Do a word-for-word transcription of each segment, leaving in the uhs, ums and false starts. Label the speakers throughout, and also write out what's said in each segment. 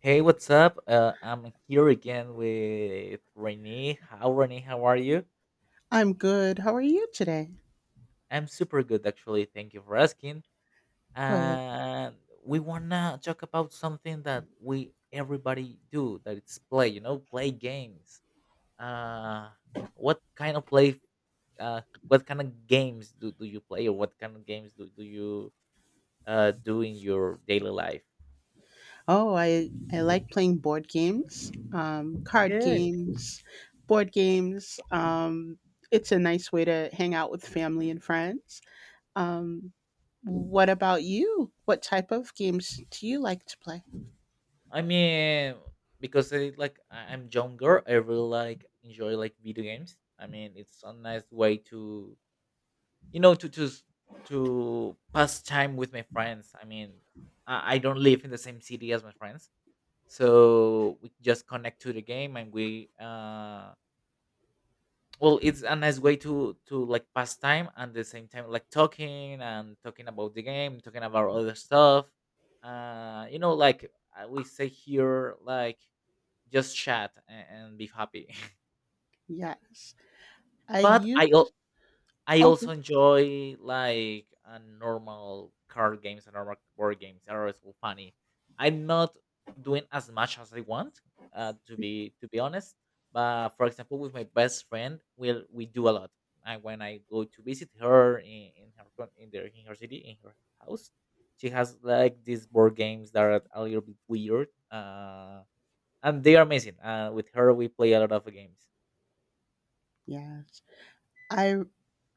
Speaker 1: Hey, what's up? Uh, I'm here again with Renee. How Renee? How are you?
Speaker 2: I'm good. How are you today?
Speaker 1: I'm super good, actually. Thank you for asking.
Speaker 2: Good.
Speaker 1: And we wanna talk about something that we everybody do, that it's play. You know, play games. Uh, what kind of play? Uh, what kind of games do, do you play, or what kind of games do do you uh do in your daily life?
Speaker 2: Oh, I I like playing board games, um, card
Speaker 1: Good.
Speaker 2: games, board games. Um, it's a nice way to hang out with family and friends. Um, what about you? What type of games do you like to play?
Speaker 1: I mean, because I, like I- I'm younger, I really like enjoy like video games. I mean, it's a nice way to you know to to s- to pass time with my friends. I mean, I, I don't live in the same city as my friends, so we just connect to the game and we uh well, it's a nice way to to like pass time and the same time like talking and talking about the game, talking about other stuff. Uh, you know, like uh, we say here, like just chat a- and be happy.
Speaker 2: Yes, I
Speaker 1: But I
Speaker 2: used
Speaker 1: al-
Speaker 2: to.
Speaker 1: I
Speaker 2: Oh,
Speaker 1: also
Speaker 2: go-
Speaker 1: enjoy like uh, normal card games and normal board games. They're always so funny. I'm not doing as much as I want, uh, to be to be honest. But for example, with my best friend, we'll we do a lot. And when I go to visit her in, in her co- in their in her city in her house, she has like these board games that are a little bit weird. Uh, and they are amazing. Uh, with her, we play a lot of games.
Speaker 2: yes, I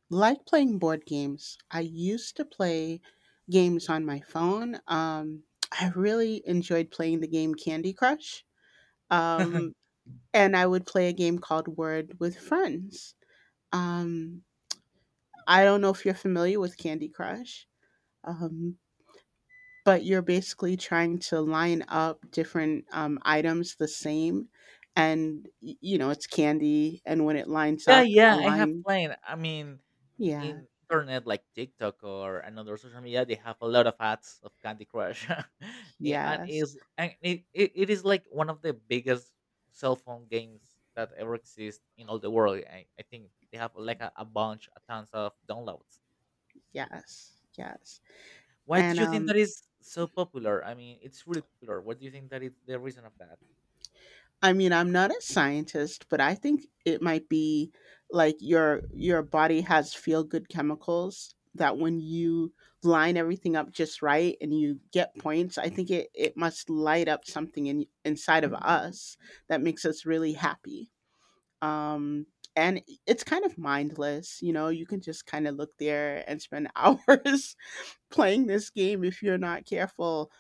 Speaker 2: like playing board games. I used to play games on my phone. Um, I really enjoyed playing the game Candy Crush. Um, and I would play a game called Word with friends. Um, I don't know if you're familiar with Candy Crush, um, but you're basically trying to line up different um, items the same. And, y- you know, it's candy. And when it lines
Speaker 1: Yeah,
Speaker 2: up,
Speaker 1: yeah,
Speaker 2: a
Speaker 1: I have
Speaker 2: line.
Speaker 1: played. I mean, in,
Speaker 2: Yeah.
Speaker 1: in internet like TikTok or another social media, they have a lot of ads of Candy Crush, Eh, and
Speaker 2: Yes.
Speaker 1: is and it, it, it is like one of the biggest cell phone games that ever exist in all the world. I, I think they have like a, a bunch, a tons of downloads.
Speaker 2: Yes. Yes.
Speaker 1: Why do
Speaker 2: And
Speaker 1: you think
Speaker 2: um,
Speaker 1: that is so popular? I mean, it's really popular. What do you think that is the reason of that?
Speaker 2: I mean, I'm not a scientist, but I think it might be like your your body has feel good chemicals that when you line everything up just right and you get points, I think it, it must light up something in inside of us that makes us really happy. Um and it's kind of mindless, you know, you can just kind of look there and spend hours playing this game if you're not careful.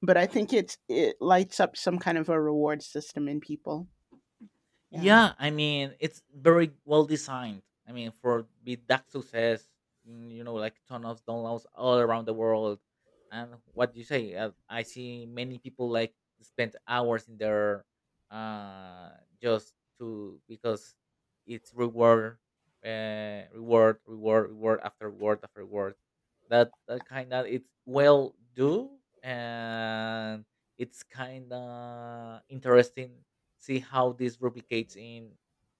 Speaker 2: But I think it's it lights up some kind of a reward system in people. Yeah.
Speaker 1: Yeah, I mean it's very well designed. I mean for be that success, mm, you know, like ton of downloads all around the world, and what you say, uh, I see many people like spend hours in there, uh, just to because it's reward, uh, reward, reward, reward after reward after reward. That that kind of it's well do and it's kind of interesting see how this replicates in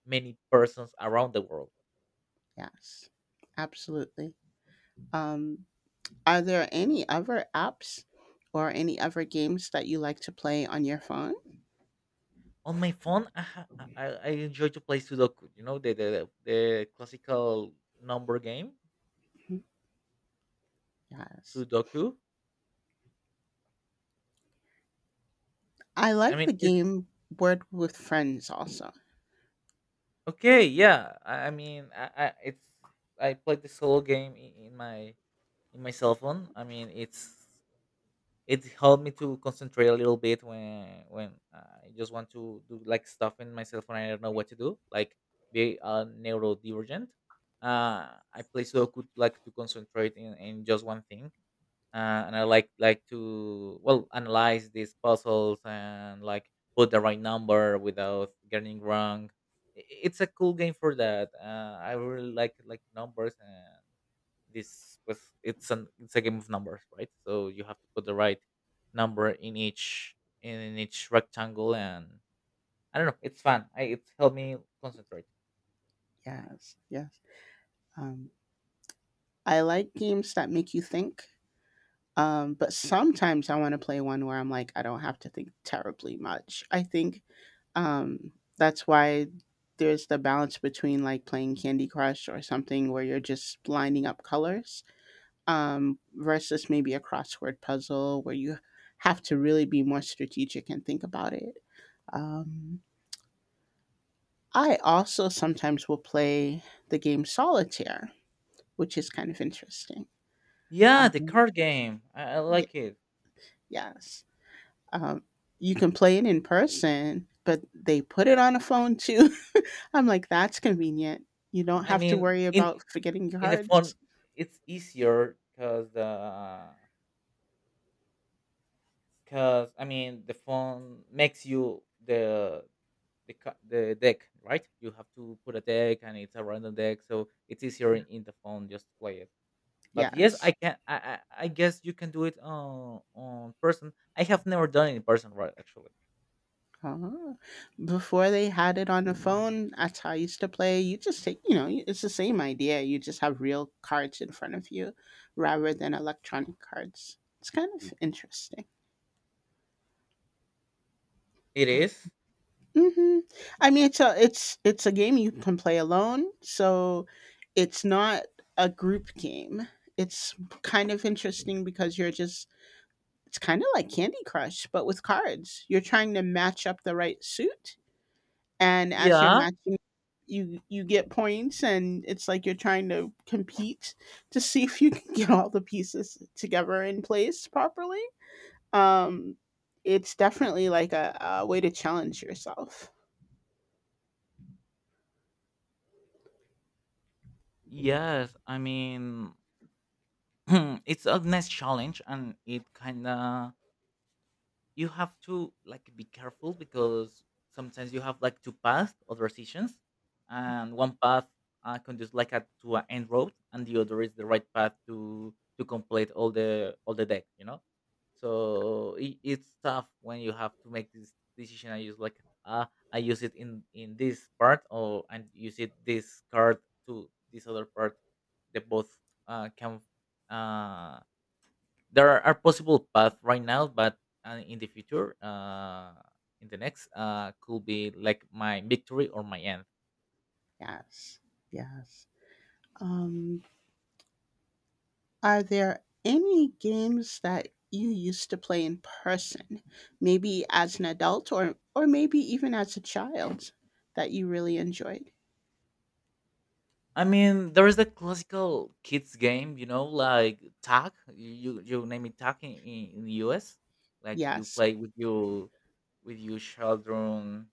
Speaker 1: many persons around the world.
Speaker 2: Yes, absolutely. Um, are there any other apps or any other games that you like to play on your phone?
Speaker 1: On my phone, I ha- I, I I enjoy to play Sudoku. You know the the, the classical number game,
Speaker 2: Mhm. Yes.
Speaker 1: Sudoku.
Speaker 2: I
Speaker 1: I
Speaker 2: like
Speaker 1: mean,
Speaker 2: the
Speaker 1: it's
Speaker 2: game Word with Friends also.
Speaker 1: okay. Yeah, I, I mean, I, I it's I play the solo game in, in my in my cell phone. I mean, it's it helped me to concentrate a little bit when when I just want to do like stuff in myself when I don't know what to do, like be a neurodivergent. Uh, I play Sudoku like to concentrate in, in just one thing, uh, and I like like to well analyze these puzzles and like put the right number without getting wrong. I- It's a cool game for that. Uh, I really like like numbers, and this was it's an it's a game of numbers, right? So you have to put the right number in each in each rectangle, and I don't know, it's fun. I, it's helped me concentrate.
Speaker 2: Yes, yes. Um, I like games that make you think. Um, but sometimes I want to play one where I'm like, I don't have to think terribly much. I think um, that's why there's the balance between like playing Candy Crush or something where you're just lining up colors, um, versus maybe a crossword puzzle where you have to really be more strategic and think about it. Um, I also sometimes will play the game solitaire, which is kind of interesting.
Speaker 1: Yeah, the
Speaker 2: Um,
Speaker 1: card game, i, I
Speaker 2: yeah,
Speaker 1: like it.
Speaker 2: yes. Um, you can play it in person, but they put it on a phone too. I'm like, that's convenient. You don't
Speaker 1: I
Speaker 2: have to
Speaker 1: mean,
Speaker 2: worry
Speaker 1: in
Speaker 2: about forgetting your
Speaker 1: in the phone
Speaker 2: cards.
Speaker 1: it's easier because the because I mean the phone makes you the the, ca- the deck, right? You have to put a deck, and it's a random deck, so it's easier
Speaker 2: Yeah.
Speaker 1: in the phone just to play it. But yes, I
Speaker 2: Yes.
Speaker 1: can. I, I I guess you can do it on on person. I have never done it in person, right? Actually,
Speaker 2: Uh-huh. Before they had it on the phone, that's how I used to play. You just take, you know, it's the same idea. You just have real cards in front of you rather than electronic cards. It's kind of interesting.
Speaker 1: it is.
Speaker 2: Mm-hmm. I mean, it's a it's it's a game you can play alone, so it's not a group game. It's kind of interesting because you're just it's kind of like Candy Crush, but with cards. You're trying to match up the right suit, and as you're
Speaker 1: Yeah,
Speaker 2: matching, you you get points and it's like you're trying to compete to see if you can get all the pieces together in place properly. um it's definitely like a, a way to challenge yourself.
Speaker 1: yes. I mean, it's a nice challenge, and it kind of you have to like be careful because sometimes you have like two paths or decisions, and one path uh, conduces like a, to an end road, and the other is the right path to to complete all the all the deck, you know so it, it's tough when you have to make this decision. I use like uh, i use it in in this part, or and use it this card to this other part. They both uh, can, uh, there are, are possible paths right now, but uh, in the future, uh, in the next, uh, could be like my victory or my end.
Speaker 2: Yes, yes. um are there any games that you used to play in person, maybe as an adult or or maybe even as a child, that you really enjoyed?
Speaker 1: I mean, there is the classical kids game, you know, like tag. You you name it tag in, in in the U S. Like you
Speaker 2: Yes,
Speaker 1: play with your with your children,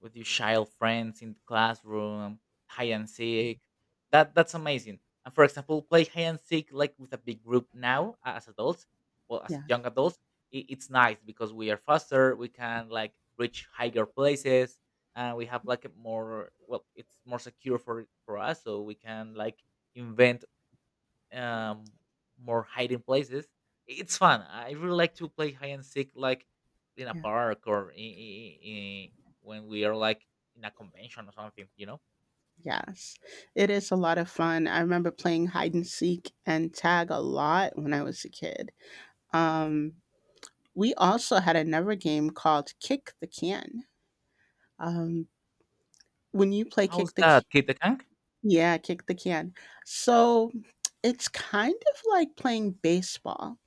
Speaker 1: with your child friends in the classroom, hide and seek. That that's amazing. And for example, play hide and seek like with a big group now uh, as adults, well, as
Speaker 2: yes,
Speaker 1: young adults, it, it's nice because we are faster. We can like reach higher places, and we have like a more well, it's more secure for for us, so we can like invent um, more hiding places. It's fun. I really like to play hide and seek, like in a
Speaker 2: yes.
Speaker 1: park, or in, in, when we are like in a convention or something, you know.
Speaker 2: Yes, it is a lot of fun. I remember playing hide and seek and tag a lot when I was a kid. Um, we also had another game called Kick the Can. Um, when you play
Speaker 1: How's
Speaker 2: Kick the
Speaker 1: that,
Speaker 2: C-
Speaker 1: Kid the Kank?
Speaker 2: yeah, Kick the Can. So it's kind of like playing baseball,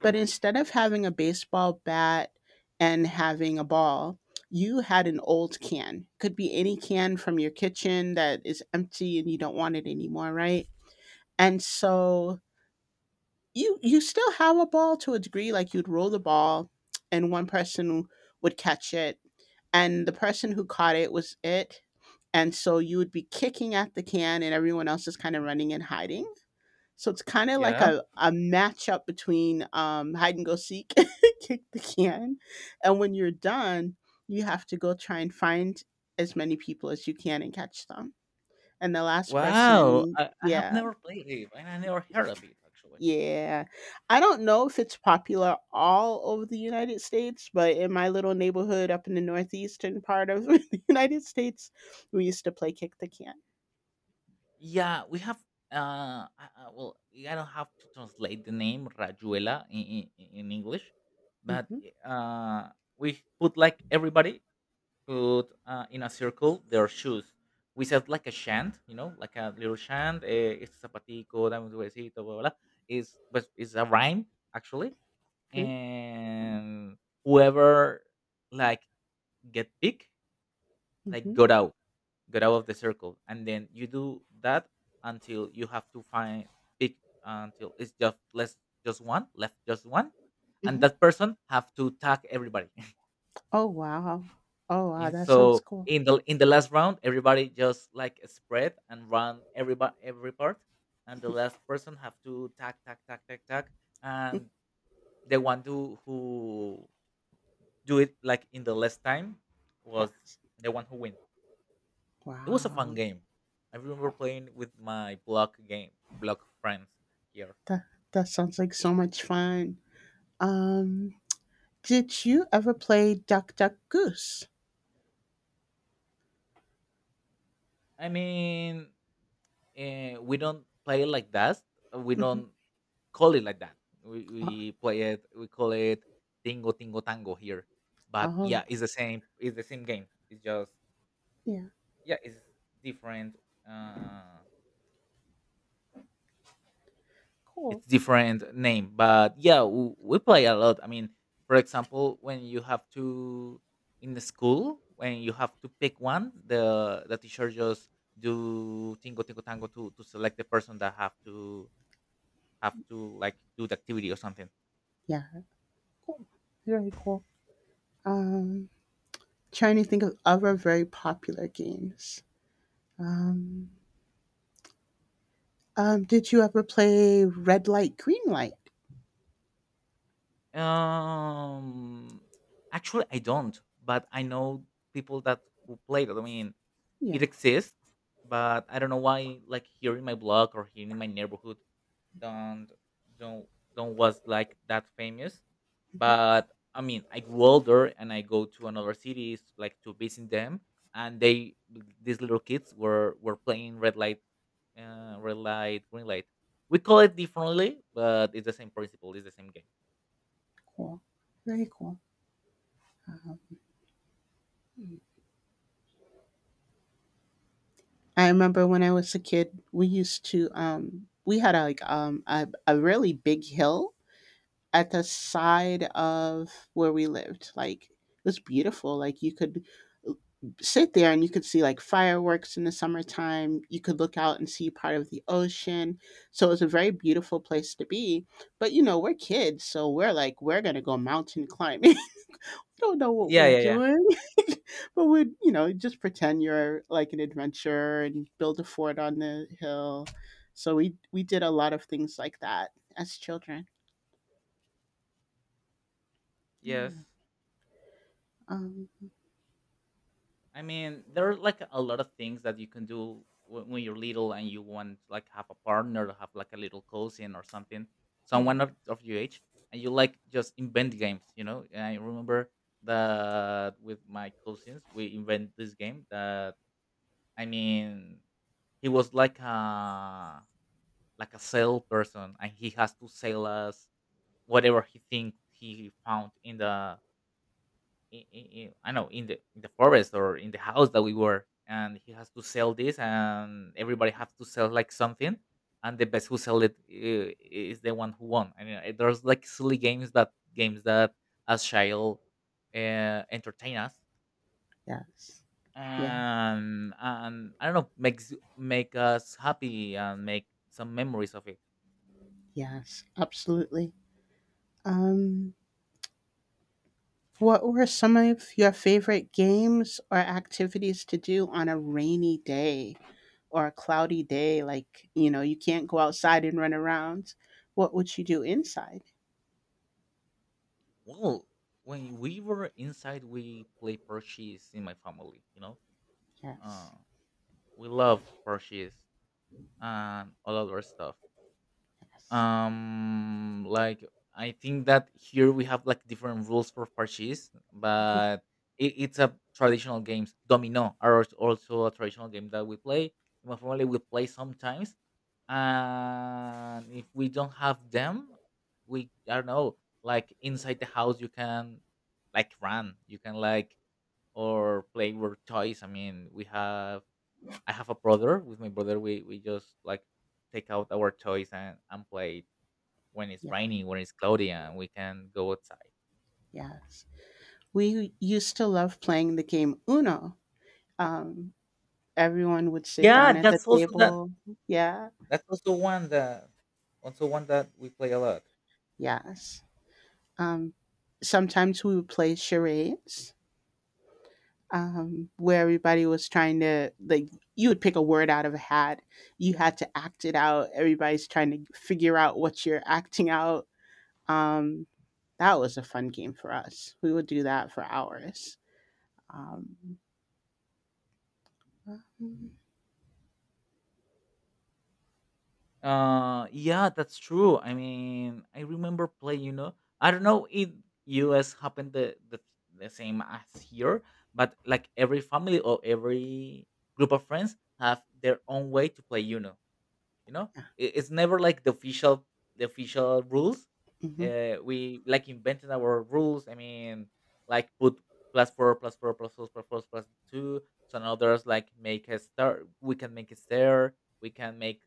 Speaker 2: but instead of having a baseball bat and having a ball, you had an old can. Could be any can from your kitchen that is empty and you don't want it anymore, right? And so you you still have a ball to a degree. Like you'd roll the ball, and one person would catch it, and the person who caught it was it. And so you would be kicking at the can, and everyone else is kind of running and hiding. So it's kind of like
Speaker 1: Yeah.
Speaker 2: a, a matchup between um, hide and go seek, kick the can. And when you're done, you have to go try and find as many people as you can and catch them. And the last
Speaker 1: Wow,
Speaker 2: person,
Speaker 1: I, I have
Speaker 2: yeah.
Speaker 1: never played it, and I never heard of it, actually.
Speaker 2: Yeah. I don't know if it's popular all over the United States, but in my little neighborhood up in the northeastern part of the United States, we used to play kick the can.
Speaker 1: Yeah, we have. Uh, I, I, well, I don't have to translate the name Rajuela in, in, in English, but
Speaker 2: Mhm.
Speaker 1: eh, uh, we put like everybody put uh, in a circle their shoes. We said like a shant, you know, like a little shant. Eh, este zapatico, dame un huesito, blah, blah, blah. Is but it's a rhyme, actually,
Speaker 2: Mm.
Speaker 1: and whoever like get picked, like
Speaker 2: Mhm.
Speaker 1: got out, got out of the circle, and then you do that until you have to find pick until it's just less just one left, just one, and
Speaker 2: Mhm.
Speaker 1: that person have to tag everybody.
Speaker 2: Oh wow. Oh wow,
Speaker 1: And
Speaker 2: that sounds
Speaker 1: so
Speaker 2: cool.
Speaker 1: in the in the last round, everybody just like spread and run every ba- every part, and the last person have to tack tack tack tack tack, and the one who who do it like in the less time was
Speaker 2: Yes.
Speaker 1: the one who win. It was a fun
Speaker 2: Wow.
Speaker 1: game. I remember playing with my block game block friends here.
Speaker 2: That that sounds like so much fun. Um did you ever play Duck Duck Goose?
Speaker 1: I mean, uh, we don't play like that. We
Speaker 2: Mhm.
Speaker 1: don't call it like that. We we
Speaker 2: Oh,
Speaker 1: play it. We call it Tingo Tingo Tango here. But
Speaker 2: oh,
Speaker 1: yeah, it's the same. It's the same game. It's just,
Speaker 2: yeah.
Speaker 1: yeah, it's different. Uh,
Speaker 2: Cool.
Speaker 1: it's different name, but yeah, we, we play a lot. I mean, for example, when you have to in the school, when you have to pick one, the the teacher just do Tingo Tingo Tango to to select the person that have to have to like do the activity or something.
Speaker 2: Yeah. Cool. Very cool. Um. Trying to think of other very popular games. Um, um, did you ever play Red Light, Green Light?
Speaker 1: Um, Actually, I don't, but I know people that who played it. I mean, it
Speaker 2: Yeah,
Speaker 1: exists, but I don't know why. Like here in my block or here in my neighborhood, don't don't don't was like that famous. But I mean, I grew older and I go to another cities like to visit them, and they these little kids were were playing red light, uh, red light, green light. We call it differently, but it's the same principle. It's the same game.
Speaker 2: cool. Very cool. I remember when I was a kid, we used to, um, we had a, like um, a, a really big hill at the side of where we lived. Like it was beautiful. Like you could sit there and you could see like fireworks in the summertime. You could look out and see part of the ocean. So it was a very beautiful place to be. But you know, we're kids, so we're like, we're gonna go mountain climbing. We don't know what
Speaker 1: Yeah,
Speaker 2: we're
Speaker 1: yeah, yeah.
Speaker 2: doing. But we'd, you know, just pretend you're like an adventurer and build a fort on the hill. So we we did a lot of things like that as children.
Speaker 1: Yes.
Speaker 2: Yeah. Um
Speaker 1: I mean, there are like a lot of things that you can do when, when you're little and you want to like have a partner, or have like a little cousin or something,
Speaker 2: yeah.
Speaker 1: someone of, of your age, and you like just invent games, you know? And I remember that with my cousins, we invent this game that, I mean, he was like a like a salesperson and he has to sell us whatever he think he found in the in, in, in I know in the in the forest or in the house that we were, and he has to sell this, and everybody has to sell like something, and the best who sell it uh, is the one who won. I mean, uh, there's like silly games that games that as child uh, entertain us,
Speaker 2: Yes. Yeah.
Speaker 1: and and I don't know, makes make us happy and make some memories of it.
Speaker 2: Yes. Absolutely. Um, what were some of your favorite games or activities to do on a rainy day or a cloudy day? Like, you know, you can't go outside and run around. What would you do inside?
Speaker 1: Well, when we were inside, we play purchase in my family. You know, uh,
Speaker 2: Yes.
Speaker 1: we love purchase and all other stuff.
Speaker 2: Yes.
Speaker 1: Um, like I think that here we have like different rules for parches,
Speaker 2: Mhm.
Speaker 1: but it, it's a traditional games. Domino are als- also a traditional game that we play. In my family, we play sometimes, and if we don't have them, we I don't know. Like inside the house, you can like run, you can like or play with toys. I mean, we have I have a brother. With my brother, we we just like take out our toys and and play it when it's
Speaker 2: Yeah.
Speaker 1: rainy, when it's cloudy, and we can go outside.
Speaker 2: Yes. We used to love playing the game Uno. Um, everyone would sit
Speaker 1: Yeah,
Speaker 2: down at the
Speaker 1: that's also that.
Speaker 2: table. Yeah.
Speaker 1: That's also one that also one that we play a lot.
Speaker 2: Yes. Um, sometimes we would play charades, um, where everybody was trying to like you would pick a word out of a hat, you had to act it out, everybody's trying to figure out what you're acting out. um, that was a fun game for us, we would do that for hours. um, um,
Speaker 1: Uh, yeah, that's true. I mean, I remember playing, you know. I don't know if U S happened the the, the same as here, but like every family or every group of friends have their own way to play Uno, you know.
Speaker 2: yeah.
Speaker 1: I- it's never like the official the official rules.
Speaker 2: Hmm.
Speaker 1: Uh, we like invented our rules. I mean, like put plus four, plus four, plus four, plus four, plus two. So now there's like make a star, we can make a star, we can make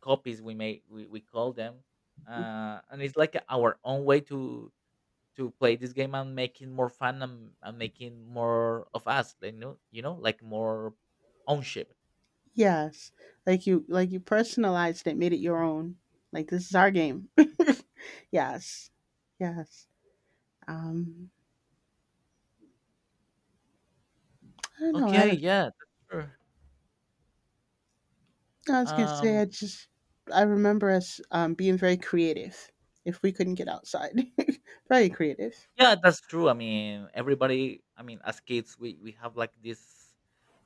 Speaker 1: copies. We make we, we call them, uh, and it's like our own way to to play this game, and making more fun, and, and making more of us like, you know you know like more ownership.
Speaker 2: Yes, like you like you personalized it, made it your own, like this is our game. Yes, yes. um, I don't know
Speaker 1: Okay,
Speaker 2: I.
Speaker 1: yeah, that's true.
Speaker 2: No, I was gonna say,
Speaker 1: Um.
Speaker 2: I just I remember us um, being very creative if we couldn't get outside. Very creative.
Speaker 1: Yeah, that's true. I mean, everybody. I mean, as kids, we we have like this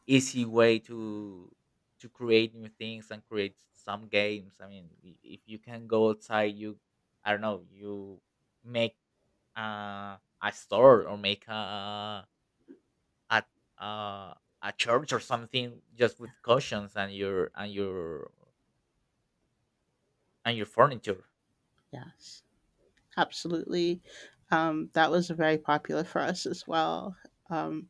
Speaker 1: easy way to to create new things and create some games. I mean, i- if you can go outside, you I don't know, you make uh, a store, or make a a uh, a church or something, just with cushions and your and your and your furniture.
Speaker 2: Yes, absolutely. Um, that was very popular for us as well. Um,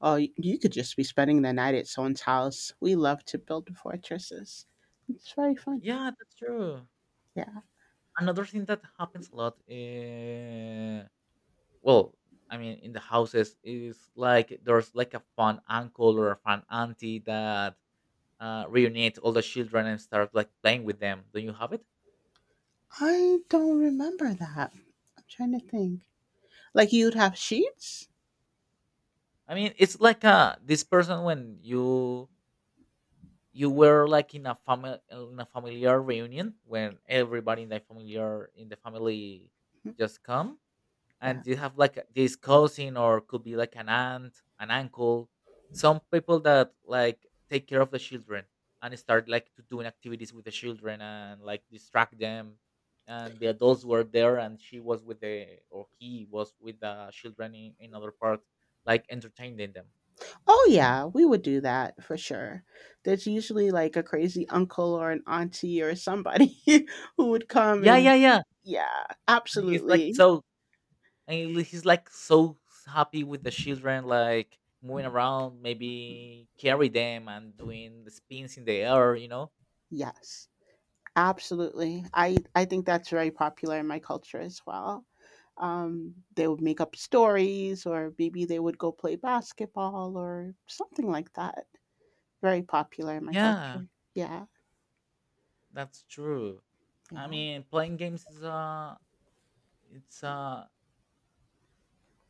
Speaker 2: oh, y- you could just be spending the night at someone's house. We love to build fortresses. It's very fun.
Speaker 1: Yeah, that's true.
Speaker 2: Yeah,
Speaker 1: Another thing that happens a lot. Uh, well I mean, in the houses, is like there's like a fun uncle or a fun auntie that uh, reunite all the children and start like playing with them. Don't you have it?
Speaker 2: I don't remember that. I'm trying to think. Like you'd have sheets.
Speaker 1: I mean, it's like uh this person when you you were like in a family, in a familiar reunion, when everybody in the familiar in the family
Speaker 2: Mm-hmm,
Speaker 1: just come,
Speaker 2: yeah.
Speaker 1: and you have like this cousin, or could be like an aunt, an uncle, some people that like take care of the children, and start like to doing activities with the children and like distract them. And the adults were there, and she was with the, or he was with the children in, another other part, like entertaining them.
Speaker 2: Oh yeah, we would do that for sure. There's usually like a crazy uncle or an auntie or somebody who would come
Speaker 1: Yeah,
Speaker 2: and
Speaker 1: yeah, yeah.
Speaker 2: yeah,
Speaker 1: And he's like
Speaker 2: absolutely.
Speaker 1: so and he- he's like so happy with the children, like moving around, maybe carry them and doing the spins in the air, you know.
Speaker 2: Yes. Absolutely. I I think that's very popular in my culture as well. Um, they would make up stories or maybe they would go play basketball or something like that. Very popular in my
Speaker 1: Yeah,
Speaker 2: culture. Yeah.
Speaker 1: that's true. I
Speaker 2: Yeah,
Speaker 1: mean, playing games is a it's a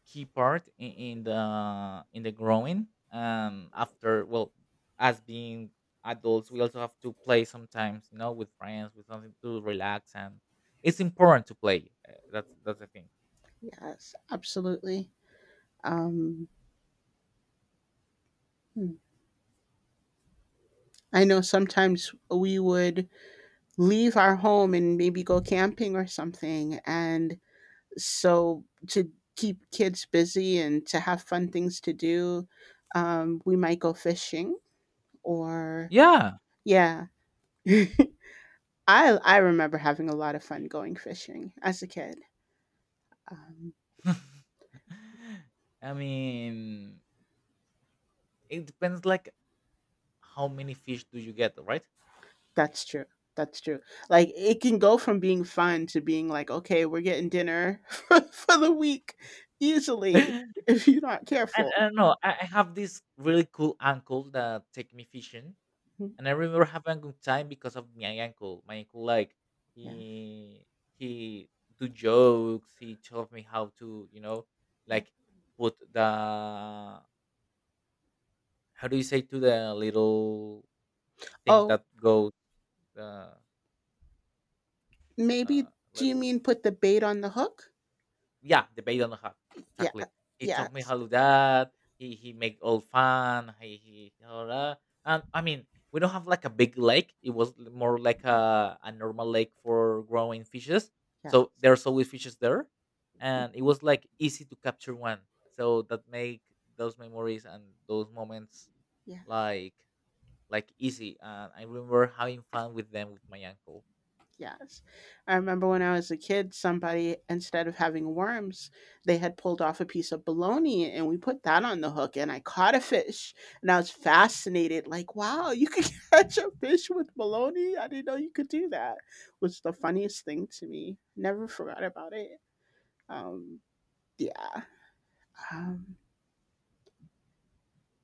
Speaker 1: key part in, in the in the growing. Um, after, well, as being adults, we also have to play sometimes, you know, with friends, with something to relax, and it's important to play. Uh, that's that's the thing.
Speaker 2: yes. Absolutely. Um, hmm. I know sometimes we would leave our home and maybe go camping or something. And so to keep kids busy and to have fun things to do, um, we might go fishing or
Speaker 1: Yeah,
Speaker 2: yeah. I I remember having a lot of fun going fishing as a kid. Um,
Speaker 1: I mean, it depends like how many fish do you get, right?
Speaker 2: that's true. That's true. Like it can go from being fun to being like, okay, we're getting dinner for, for the week easily
Speaker 1: And
Speaker 2: if you're not
Speaker 1: I
Speaker 2: careful.
Speaker 1: don't know. I, I have this really cool uncle that take me fishing,
Speaker 2: Mhm.
Speaker 1: and I remember having a good time because of my uncle. My uncle, like
Speaker 2: Yeah.
Speaker 1: he he do jokes. He taught me how to, you know,
Speaker 2: Yeah.
Speaker 1: like put the, how do you say, to the little thing
Speaker 2: Oh,
Speaker 1: that goes the, uh,
Speaker 2: maybe do you mean put the bait on the hook?
Speaker 1: yeah, the bay, don't have.
Speaker 2: Yeah.
Speaker 1: Exactly. He taught me how
Speaker 2: Yes.
Speaker 1: to do that. He he make all fun. He he all that. And I mean, we don't have like a big lake. It was l- more like a, a normal lake for growing fishes.
Speaker 2: Yeah.
Speaker 1: So there's always fishes there, and it was like easy to capture one. So that make those memories and those moments
Speaker 2: Yeah.
Speaker 1: like like easy. And I remember having fun with them with my uncle.
Speaker 2: Yes. I remember when I was a kid, somebody, instead of having worms, they had pulled off a piece of bologna and we put that on the hook and I caught a fish and I was fascinated. Like, wow, you could catch a fish with bologna. I didn't know you could do that. Was the funniest thing to me. Never forgot about it. Um, yeah. Um,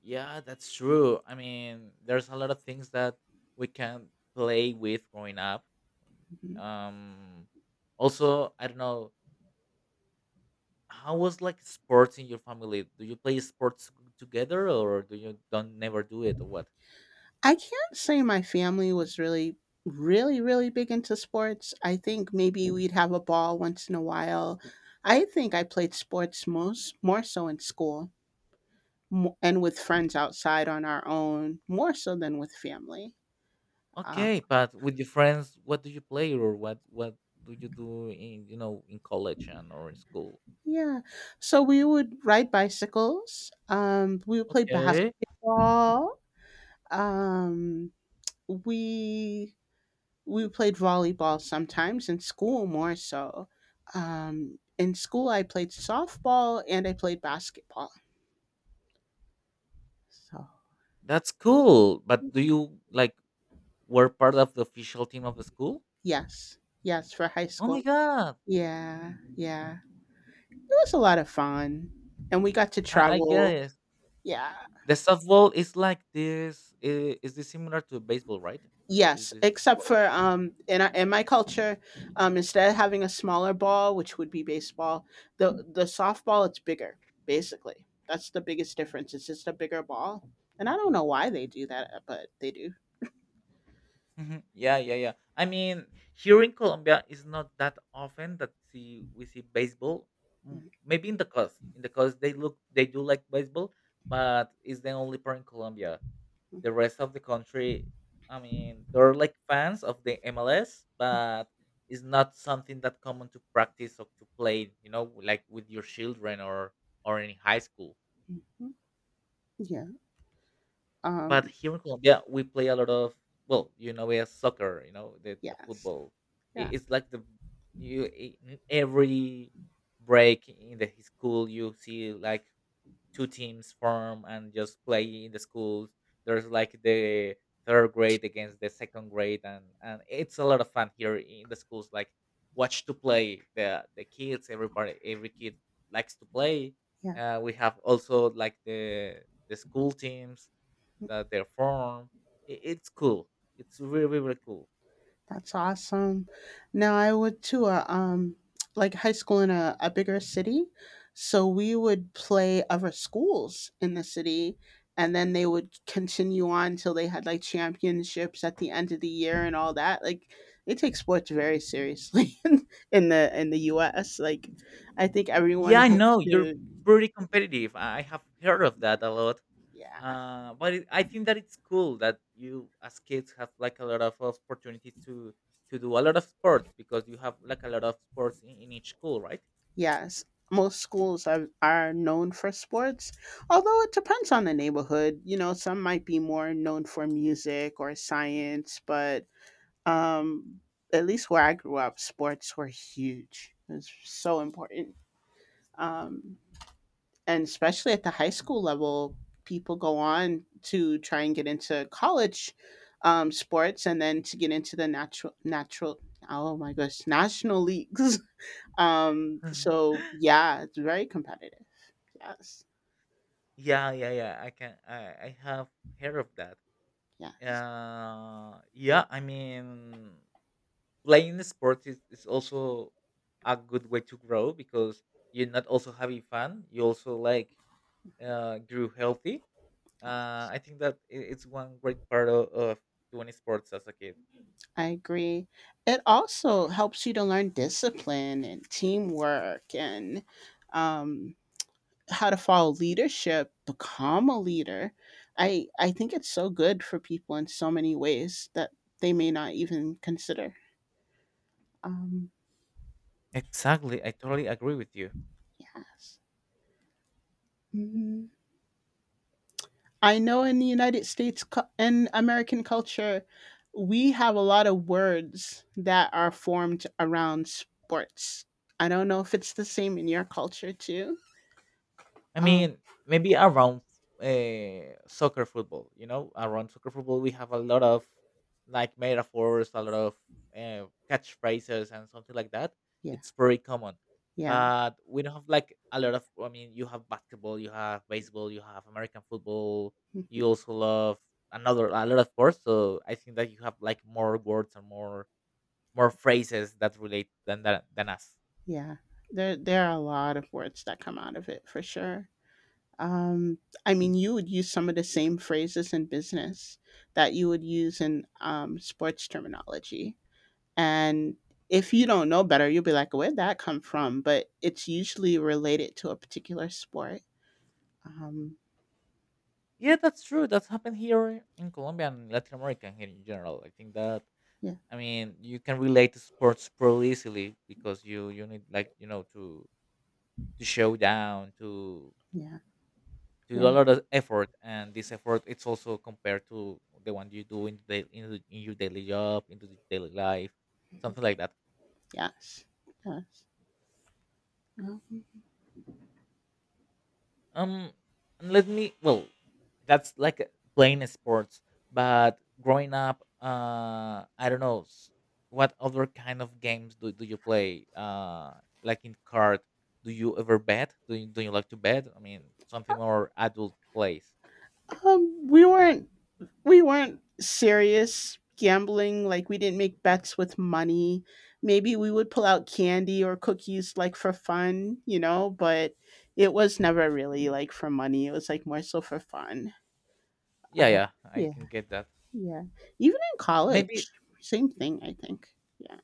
Speaker 1: Yeah, that's true. I mean, there's a lot of things that we can play with growing up. Um, also, I don't know how was like sports in your family. Do you play sports together, or do you don't never do it, or what?
Speaker 2: I can't say my family was really, really, really big into sports. I think maybe we'd have a ball once in a while. I think I played sports most more so in school, mo- and with friends outside on our own, more so than with family. Uh,
Speaker 1: Okay, but with your friends, what do you play, or what what do you do in, you know, in college and or in school?
Speaker 2: yeah, so we would ride bicycles. Um, we would play
Speaker 1: Okay,
Speaker 2: basketball. Um, we we played volleyball sometimes in school more so, um, in school I played softball and I played basketball, so
Speaker 1: that's cool. But do you like were part of the official team of the school?
Speaker 2: yes, yes, for high
Speaker 1: Oh my
Speaker 2: school.
Speaker 1: god,
Speaker 2: Yeah, yeah, it was a lot of fun, and we got to
Speaker 1: I, I
Speaker 2: travel.
Speaker 1: guess.
Speaker 2: Yeah.
Speaker 1: The softball is like this. i- Is this similar to baseball, right? I- Is
Speaker 2: Yes,
Speaker 1: this a
Speaker 2: except
Speaker 1: sport?
Speaker 2: for um in our, in my culture, um instead of having a smaller ball, which would be baseball, the the softball it's bigger basically. That's the biggest difference. It's just a bigger ball, and I don't know why they do that, but they do.
Speaker 1: Mhm. Yeah, yeah, yeah. I mean, here in Colombia, it's not that often that see we see baseball. M- Maybe in the coast, in the coast they look they do like baseball, but it's the only part in Colombia. The rest of the country, I mean, they're like fans of the M L S, but it's not something that common to practice or to play, you know, like with your children or or in high school.
Speaker 2: Mhm. Yeah.
Speaker 1: But
Speaker 2: Um.
Speaker 1: here in Colombia, we play a lot of, well, you know, we have soccer, you know, the, the
Speaker 2: Yes.
Speaker 1: football. I-
Speaker 2: Yeah.
Speaker 1: It's like the you i- in every break in the school, you see like two teams form and just play in the schools. There's like the third grade against the second grade, and and it's a lot of fun here in the schools. Like watch to play the the kids. Everybody, every kid likes to play.
Speaker 2: Yeah.
Speaker 1: Uh, we have also like the the school teams that they form. I- It's cool. It's really really cool.
Speaker 2: That's awesome. Now I would to a um like high school in a, a bigger city. So we would play other schools in the city, and then they would continue on till they had like championships at the end of the year and all that. Like they take sports very seriously in the in the U S. Like I think everyone
Speaker 1: Yeah, I know
Speaker 2: hopes
Speaker 1: you're
Speaker 2: to,
Speaker 1: pretty competitive. I have heard of that a lot.
Speaker 2: yeah.
Speaker 1: Uh, but it, I think that it's cool that you as kids have like a lot of opportunities to to do a lot of sports, because you have like a lot of sports in, in each school, right?
Speaker 2: Yes, most schools are, are known for sports, although it depends on the neighborhood. You know, some might be more known for music or science, but um, at least where I grew up, sports were huge. It's so important. Um, and especially at the high school level, people go on to try and get into college, um, sports, and then to get into the natural, natural, oh my gosh, national leagues. Um, so yeah, it's very competitive. Yes,
Speaker 1: Yeah, yeah, yeah. I can. I I have heard of that.
Speaker 2: yes,
Speaker 1: Uh, yeah. I mean, playing the sport is, is also a good way to grow, because you're not also having fun. You also like uh grew healthy.
Speaker 2: yeah,
Speaker 1: Uh, I think that i- it's one great part of, of doing sports as a kid.
Speaker 2: I agree. It also helps you to learn discipline and teamwork and um, how to follow leadership, become a leader. I I think it's so good for people in so many ways that they may not even consider. Um,
Speaker 1: Exactly, I totally agree with you.
Speaker 2: yes. Mm-hmm. I know in the United States, cu- and American culture, we have a lot of words that are formed around sports. I don't know if it's the same in your culture too.
Speaker 1: I
Speaker 2: Oh,
Speaker 1: mean, maybe around uh, soccer football, you know, around soccer football, we have a lot of like metaphors, a lot of uh, catchphrases, and something like that.
Speaker 2: yeah,
Speaker 1: It's very common,
Speaker 2: yeah,
Speaker 1: but we don't have like a lot of. I mean, you have basketball, you have baseball, you have American football. You
Speaker 2: mhm,
Speaker 1: also love another a lot of sports, so I think that you have like more words and more more phrases that relate than that, than us.
Speaker 2: yeah. There, there are a lot of words that come out of it for sure. Um, I mean, you would use some of the same phrases in business that you would use in um, sports terminology. And if you don't know better, you'll be like, where'd that come from? But it's usually related to a particular sport. Um,
Speaker 1: Yeah, that's true. That's happened here in Colombia and Latin America and here in general. I think that,
Speaker 2: yeah,
Speaker 1: I mean, you can relate to sports pretty easily, because you you need like, you know, to to show down, to
Speaker 2: yeah,
Speaker 1: to do a
Speaker 2: yeah,
Speaker 1: lot of effort, and this effort, it's also compared to the one you do in the in, the- in your daily job, into the daily life, something like that.
Speaker 2: yes, yes.
Speaker 1: Um, and let me. Well, that's like, uh, playing sports. But growing up, uh, I don't know s- what other kind of games do, do you play? Uh, like in card, do you ever bet? Do you, do you like to bet? I mean, something more adult plays.
Speaker 2: Um, we weren't we weren't serious gambling. Like we didn't make bets with money. Maybe we would pull out candy or cookies like for fun, you know. But it was never really like for money. It was like more so for fun.
Speaker 1: Yeah,
Speaker 2: Uh,
Speaker 1: yeah, I
Speaker 2: yeah,
Speaker 1: can get that.
Speaker 2: yeah. Even in
Speaker 1: Maybe.
Speaker 2: college, same thing. I think. Yeah.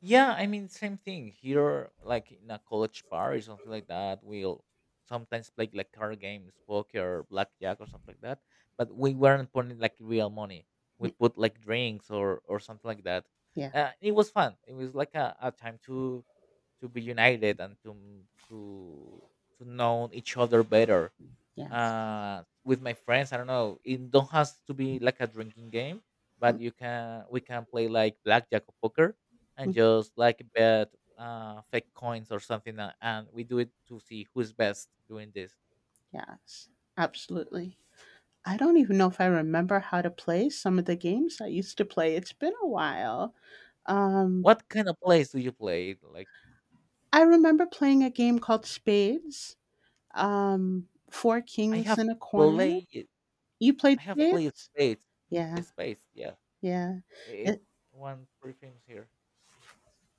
Speaker 1: Yeah, I mean, same thing here, like in a college bar or something like that. We'll sometimes play like card games, poker, blackjack, or something like that. But we weren't putting like real money. We
Speaker 2: Mm.
Speaker 1: put like drinks or or something like that.
Speaker 2: Yeah,
Speaker 1: Uh, it was fun. It was like a, a time to to be united, and to to to know each other better
Speaker 2: yes.
Speaker 1: uh with my friends. I don't know, it don't has to be like a drinking game, but
Speaker 2: Mhm,
Speaker 1: you can we can play like blackjack or poker, and
Speaker 2: mm,
Speaker 1: just like bet uh fake coins or something, uh, and we do it to see who's best doing this.
Speaker 2: yes, absolutely. I don't even know if I remember how to play some of the games I used to play. It's been a while. Um,
Speaker 1: What kind of plays do you play like?
Speaker 2: I remember playing a game called Spades, um, Four
Speaker 1: i
Speaker 2: Kings
Speaker 1: have
Speaker 2: in a Corner.
Speaker 1: played
Speaker 2: You
Speaker 1: I
Speaker 2: played
Speaker 1: have played
Speaker 2: Spades?
Speaker 1: spades. Eh,
Speaker 2: Yeah,
Speaker 1: spades yeah.
Speaker 2: yeah.
Speaker 1: I- it's
Speaker 2: It's
Speaker 1: one pretty famous here.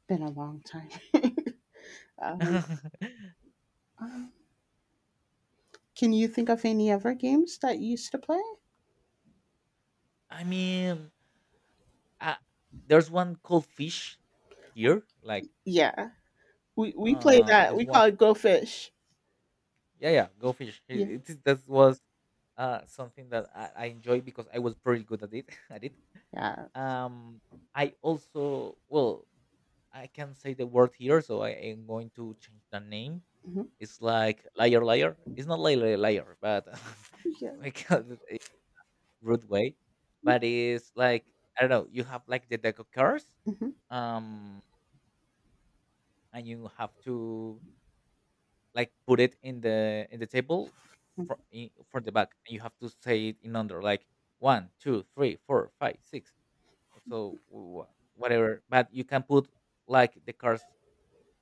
Speaker 2: been a long time. Um, um, can you think of any other games that you used to play?
Speaker 1: I mean, uh, there's one called fish here, like
Speaker 2: Yeah, we, we play
Speaker 1: uh
Speaker 2: that.
Speaker 1: this
Speaker 2: We
Speaker 1: one
Speaker 2: call it Go Fish.
Speaker 1: Yeah, yeah, go fish.
Speaker 2: Yeah.
Speaker 1: It, it, that was uh, something that I, I enjoyed because I was pretty good at it. at it.
Speaker 2: Yes.
Speaker 1: Um, I also, well, I can say the word here, so I am going to change the name.
Speaker 2: Mhm,
Speaker 1: It's like liar, liar. It's not liar, liar, but
Speaker 2: yeah.
Speaker 1: we call it a rude way. But it's like, I don't know. You have like the deck of cards,
Speaker 2: Mhm.
Speaker 1: um, and you have to like put it in the in the table. For in, for the back you have to say it in under like one two three four five six, so wh- whatever, but you can put like the cards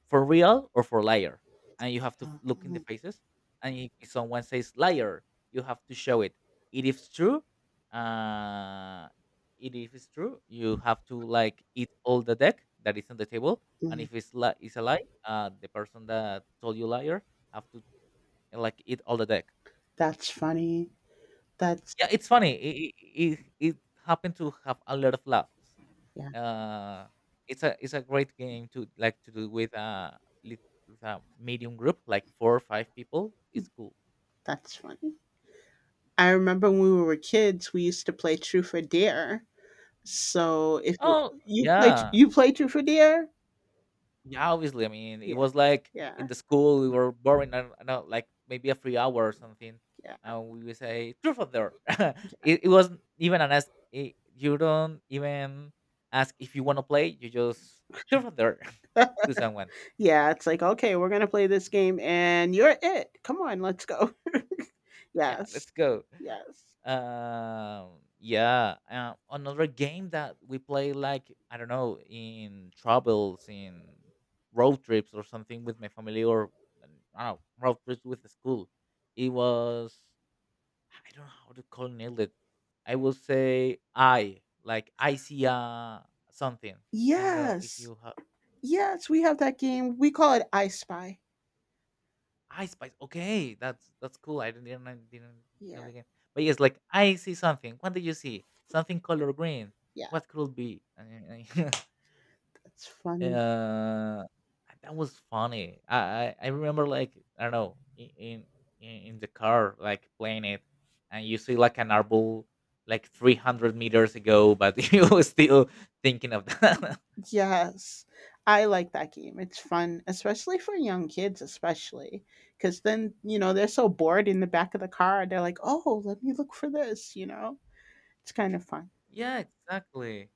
Speaker 1: for real or for liar, and you have to f- look in the faces, and if if someone says liar you have to show it, it is true. Uh it If it's true, you have to like eat all the deck that is on the table, and
Speaker 2: Mm.
Speaker 1: if it's li- it's a lie, uh the person that told you liar have to and like eat all the deck.
Speaker 2: That's funny. That's
Speaker 1: Yeah, it's funny. It it, it happened to have a lot of laughs.
Speaker 2: yeah,
Speaker 1: Uh, it's a it's a great game to like to do with a lit- with a medium group, like four or five people. It's cool.
Speaker 2: that's funny. I remember when we were kids, we used to play Truth or Dare. So if you
Speaker 1: Oh
Speaker 2: you play
Speaker 1: yeah,
Speaker 2: you play Truth or Dare,
Speaker 1: yeah, obviously. I mean, it
Speaker 2: yeah,
Speaker 1: was like in
Speaker 2: yeah,
Speaker 1: the school we were boring. I don't know, like maybe a free hour or something,
Speaker 2: yeah,
Speaker 1: and we would say truth or dare. it, it wasn't even an ask. It, you don't even ask if you want to play. You just truth or dare to someone.
Speaker 2: yeah. It's like okay, we're gonna play this game, and you're it. Come on, let's go.
Speaker 1: Yeah,
Speaker 2: Yes,
Speaker 1: let's go.
Speaker 2: yes,
Speaker 1: Um, yeah. Uh, another game that we play, like I don't know, in travels, in road trips or something with my family, or um, I don't know, road trips with the school. It was, I don't know how to call, nail it. I will say, I like I see uh something. I don't know if
Speaker 2: yes,
Speaker 1: you have.
Speaker 2: yes. We have that game. We call it I Spy.
Speaker 1: Ice Spice. Okay, that's that's cool. I didn't I didn't know
Speaker 2: Yeah,
Speaker 1: the game, but yes, like I see something. What do you see? Something color green.
Speaker 2: yeah.
Speaker 1: What could be? I- I-
Speaker 2: That's funny.
Speaker 1: Uh, that was funny. I, I I remember, like I don't know, i- in in in the car like playing it, and you see like an arbol like 300 meters ago, but you were still thinking of that.
Speaker 2: Yes. I like that game. It's fun, especially for young kids, especially because then, you know, they're so bored in the back of the car. They're like, oh, let me look for this, you know? It's kind of fun.
Speaker 1: Yeah, exactly.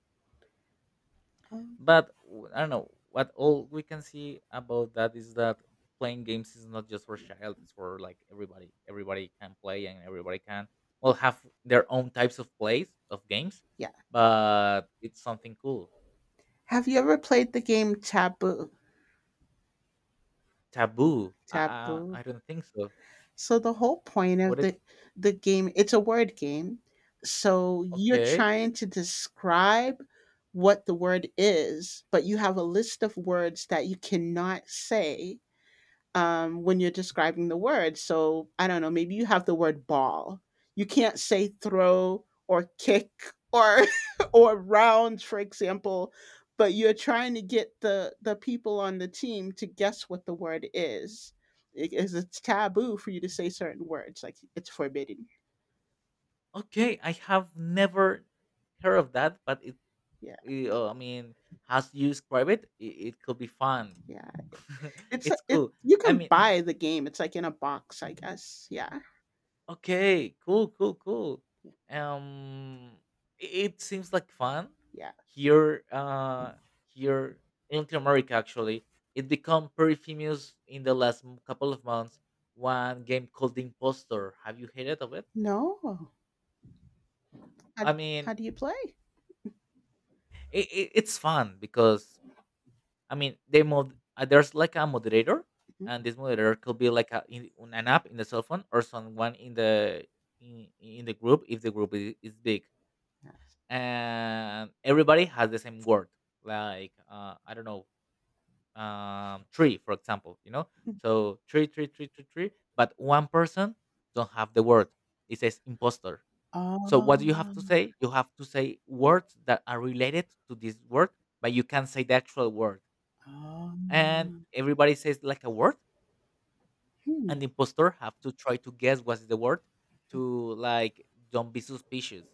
Speaker 2: Um,
Speaker 1: But w- I don't know, what all we can see about that is that playing games is not just for child; it's for like everybody. Everybody can play, and everybody can, well,
Speaker 2: well,
Speaker 1: have their own types of plays of games.
Speaker 2: yeah.
Speaker 1: But it's something cool.
Speaker 2: Have you ever played the game Taboo?
Speaker 1: Taboo? I I,
Speaker 2: Taboo.
Speaker 1: I don't think so.
Speaker 2: So the whole point
Speaker 1: What?
Speaker 2: of
Speaker 1: It,
Speaker 2: the the game, it's a word game. So you're
Speaker 1: okay,
Speaker 2: trying to describe what the word is, but you have a list of words that you cannot say um, when you're describing the word. So I don't know, maybe you have the word ball. You can't say throw or kick or or round, for example, but you're trying to get the the people on the team to guess what the word is. It is it's taboo for you to say certain words, like it's forbidden.
Speaker 1: okay. I have never heard of that, but it,
Speaker 2: Yeah,
Speaker 1: it, uh, I mean, as you describe it, it, it could be fun.
Speaker 2: yeah. It's a-
Speaker 1: It's
Speaker 2: it.
Speaker 1: cool.
Speaker 2: You
Speaker 1: I
Speaker 2: can
Speaker 1: mean,
Speaker 2: buy the game. It's like in a box, I guess. Yeah,
Speaker 1: okay, cool, cool, cool. Um, i- it seems like fun
Speaker 2: yeah.
Speaker 1: here. Uh, here in Latin America, actually, it become pretty famous in the last m- couple of months. One game called The Impostor. Have you heard of it?
Speaker 2: No. How,
Speaker 1: I mean,
Speaker 2: how do you play?
Speaker 1: it, it, it's fun because, I mean, they mod. Uh, there's like a moderator, and
Speaker 2: Mhm.
Speaker 1: this moderator could be like a, in, on an app in the cell phone, or someone in the in, in the group if the group is, is big,
Speaker 2: Yes.
Speaker 1: and everybody has the same word, like uh, I don't know, um, tree for example, you know so tree tree tree tree tree, but one person don't have the word, it says imposter. So what do you have to
Speaker 2: Oh.
Speaker 1: say? You have to say words that are related to this word, but you can't say the actual word. And
Speaker 2: Um,
Speaker 1: everybody says like a word,
Speaker 2: hmm,
Speaker 1: and the imposter have to try to guess what's the word, to like don't be suspicious.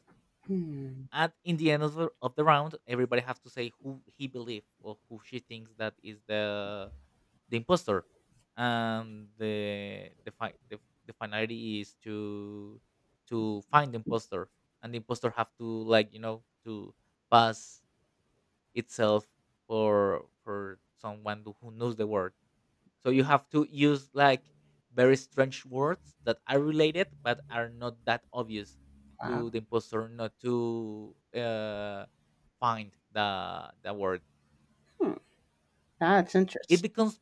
Speaker 2: hmm,
Speaker 1: At In the end of the, of the round, everybody has to say who he believes or who she thinks that is the the imposter, and the the fi- the, the finality is to to find the imposter, and the imposter have to like you know to pass itself for for someone who knows the word, so you have to use like very strange words that are related but are not that obvious
Speaker 2: wow,
Speaker 1: to the imposter, not to uh, find the the word.
Speaker 2: hmm, that's
Speaker 1: It
Speaker 2: interesting.
Speaker 1: becomes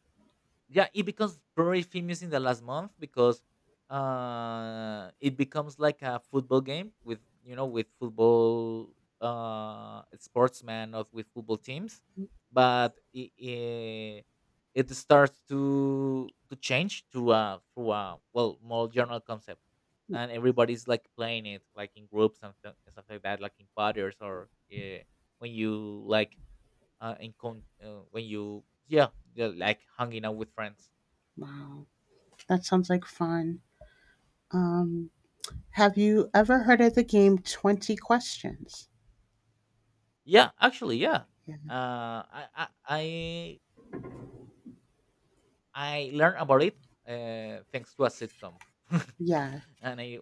Speaker 1: Yeah, it becomes very famous in the last month, because uh it becomes like a football game with, you know, with football uh sportsmen, of with football teams, but it, it, it starts to to change to uh through a, well, more general concept, and everybody's like playing it like in groups and th- stuff like that, like in parties, or uh, when you like uh, in con- uh, when you yeah, yeah, like hanging out with friends.
Speaker 2: Wow, that sounds like fun. Um, have you ever heard of the game Twenty Questions?
Speaker 1: Yeah, actually, yeah.
Speaker 2: Yeah,
Speaker 1: Uh, I I I I learned about it, uh, thanks to a sitcom,
Speaker 2: yeah,
Speaker 1: and I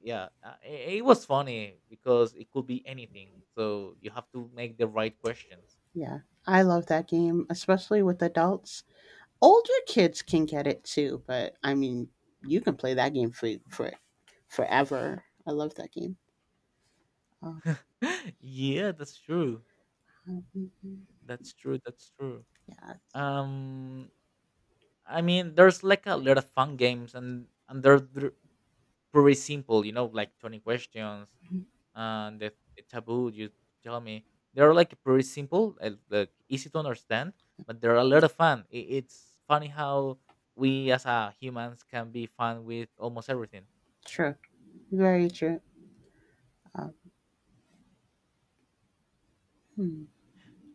Speaker 1: yeah, uh, it, it was funny because it could be anything. So you have to make the right questions.
Speaker 2: yeah. I love that game, especially with adults. Older kids can get it too, but I mean, you can play that game for for forever. I love that game. Um,
Speaker 1: Yeah, that's true.
Speaker 2: mhm.
Speaker 1: That's true. That's true.
Speaker 2: Yeah, it's
Speaker 1: Um, I mean, there's like a lot of fun games, and and they're, they're pretty simple. You know, like twenty questions, and the, the taboo, you tell me, they're like pretty simple and like easy to understand, but they're a lot of fun. I It's funny how we as a humans can be fun with almost everything.
Speaker 2: true, very true. Um, hmm.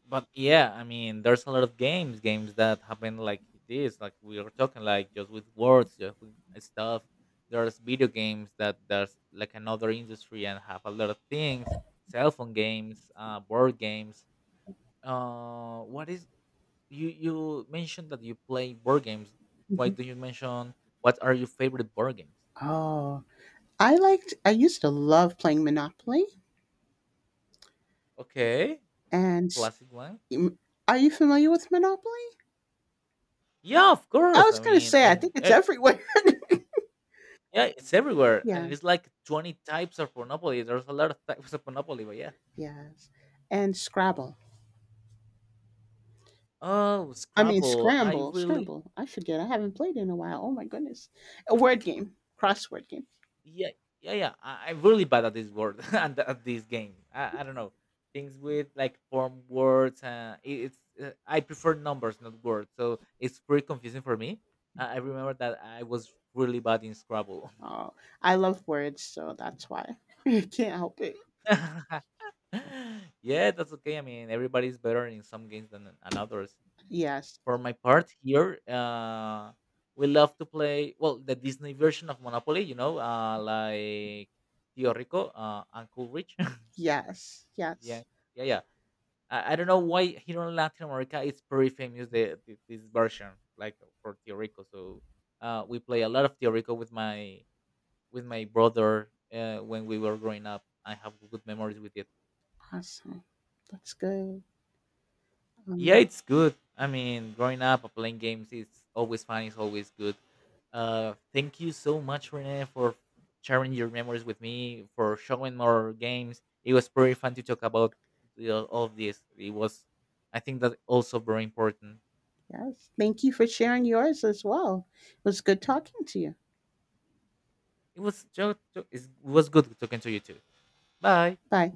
Speaker 1: But yeah, I mean, there's a lot of games games that happen like this, like we are talking, like just with words, just with stuff. There's video games that there's like another industry and have a lot of things. Cell phone games, uh board games. Uh what is You you mentioned that you play board games. Why
Speaker 2: Mhm.
Speaker 1: do you mention What are your favorite board games?
Speaker 2: Oh, I liked. I used to love playing Monopoly.
Speaker 1: Okay, a
Speaker 2: And s-
Speaker 1: classic one.
Speaker 2: m- are you familiar with Monopoly?
Speaker 1: Yeah, of
Speaker 2: I
Speaker 1: course. I
Speaker 2: was going to
Speaker 1: mean,
Speaker 2: say. I
Speaker 1: and
Speaker 2: think it's
Speaker 1: eh,
Speaker 2: everywhere.
Speaker 1: yeah, it's everywhere, and
Speaker 2: Yeah.
Speaker 1: it's like twenty types of Monopoly. There's a lot of types of Monopoly, but yeah.
Speaker 2: Yes. And Scrabble.
Speaker 1: Oh,
Speaker 2: I mean
Speaker 1: Scrabble. I
Speaker 2: Scramble.
Speaker 1: really,
Speaker 2: Scramble. I forget. I haven't played in a while. Oh my goodness. A word game.
Speaker 1: I,
Speaker 2: Crossword game.
Speaker 1: yeah, yeah, yeah, I, i'm really bad at this word and at this game. I, I don't know, things with like form words, uh, it, it's uh, I prefer numbers, not words, so it's pretty confusing for me. uh, I remember that I was really bad in Scrabble.
Speaker 2: Oh, I love words, so that's why. I can't help it.
Speaker 1: Yeah, that's okay. I mean, everybody's better in some games than in others.
Speaker 2: Yes.
Speaker 1: For my part here, uh we love to play, well, the Disney version of Monopoly, you know uh like Tio Rico, uh Uncle Rich.
Speaker 2: Yes.
Speaker 1: Yeah,
Speaker 2: Yes.
Speaker 1: yeah, yeah. I, I don't know why here in Latin America it's pretty famous the, the this version, like for Tiorico. So uh, we play a lot of Tiorico with my with my brother, uh, when we were growing up. I have good memories with it.
Speaker 2: Awesome. That's good.
Speaker 1: Yeah,
Speaker 2: Um,
Speaker 1: it's good. I mean, growing up, uh, playing games is always fun. It's always good. Uh, thank you so much, Rene, for sharing your memories with me, for showing more games. It was pretty fun to talk about the, all of this. It was, I think, that also very important.
Speaker 2: yes. Thank you for sharing yours as well. It was good talking to you.
Speaker 1: It was jo- jo- it was good talking to you too. Bye.
Speaker 2: Bye.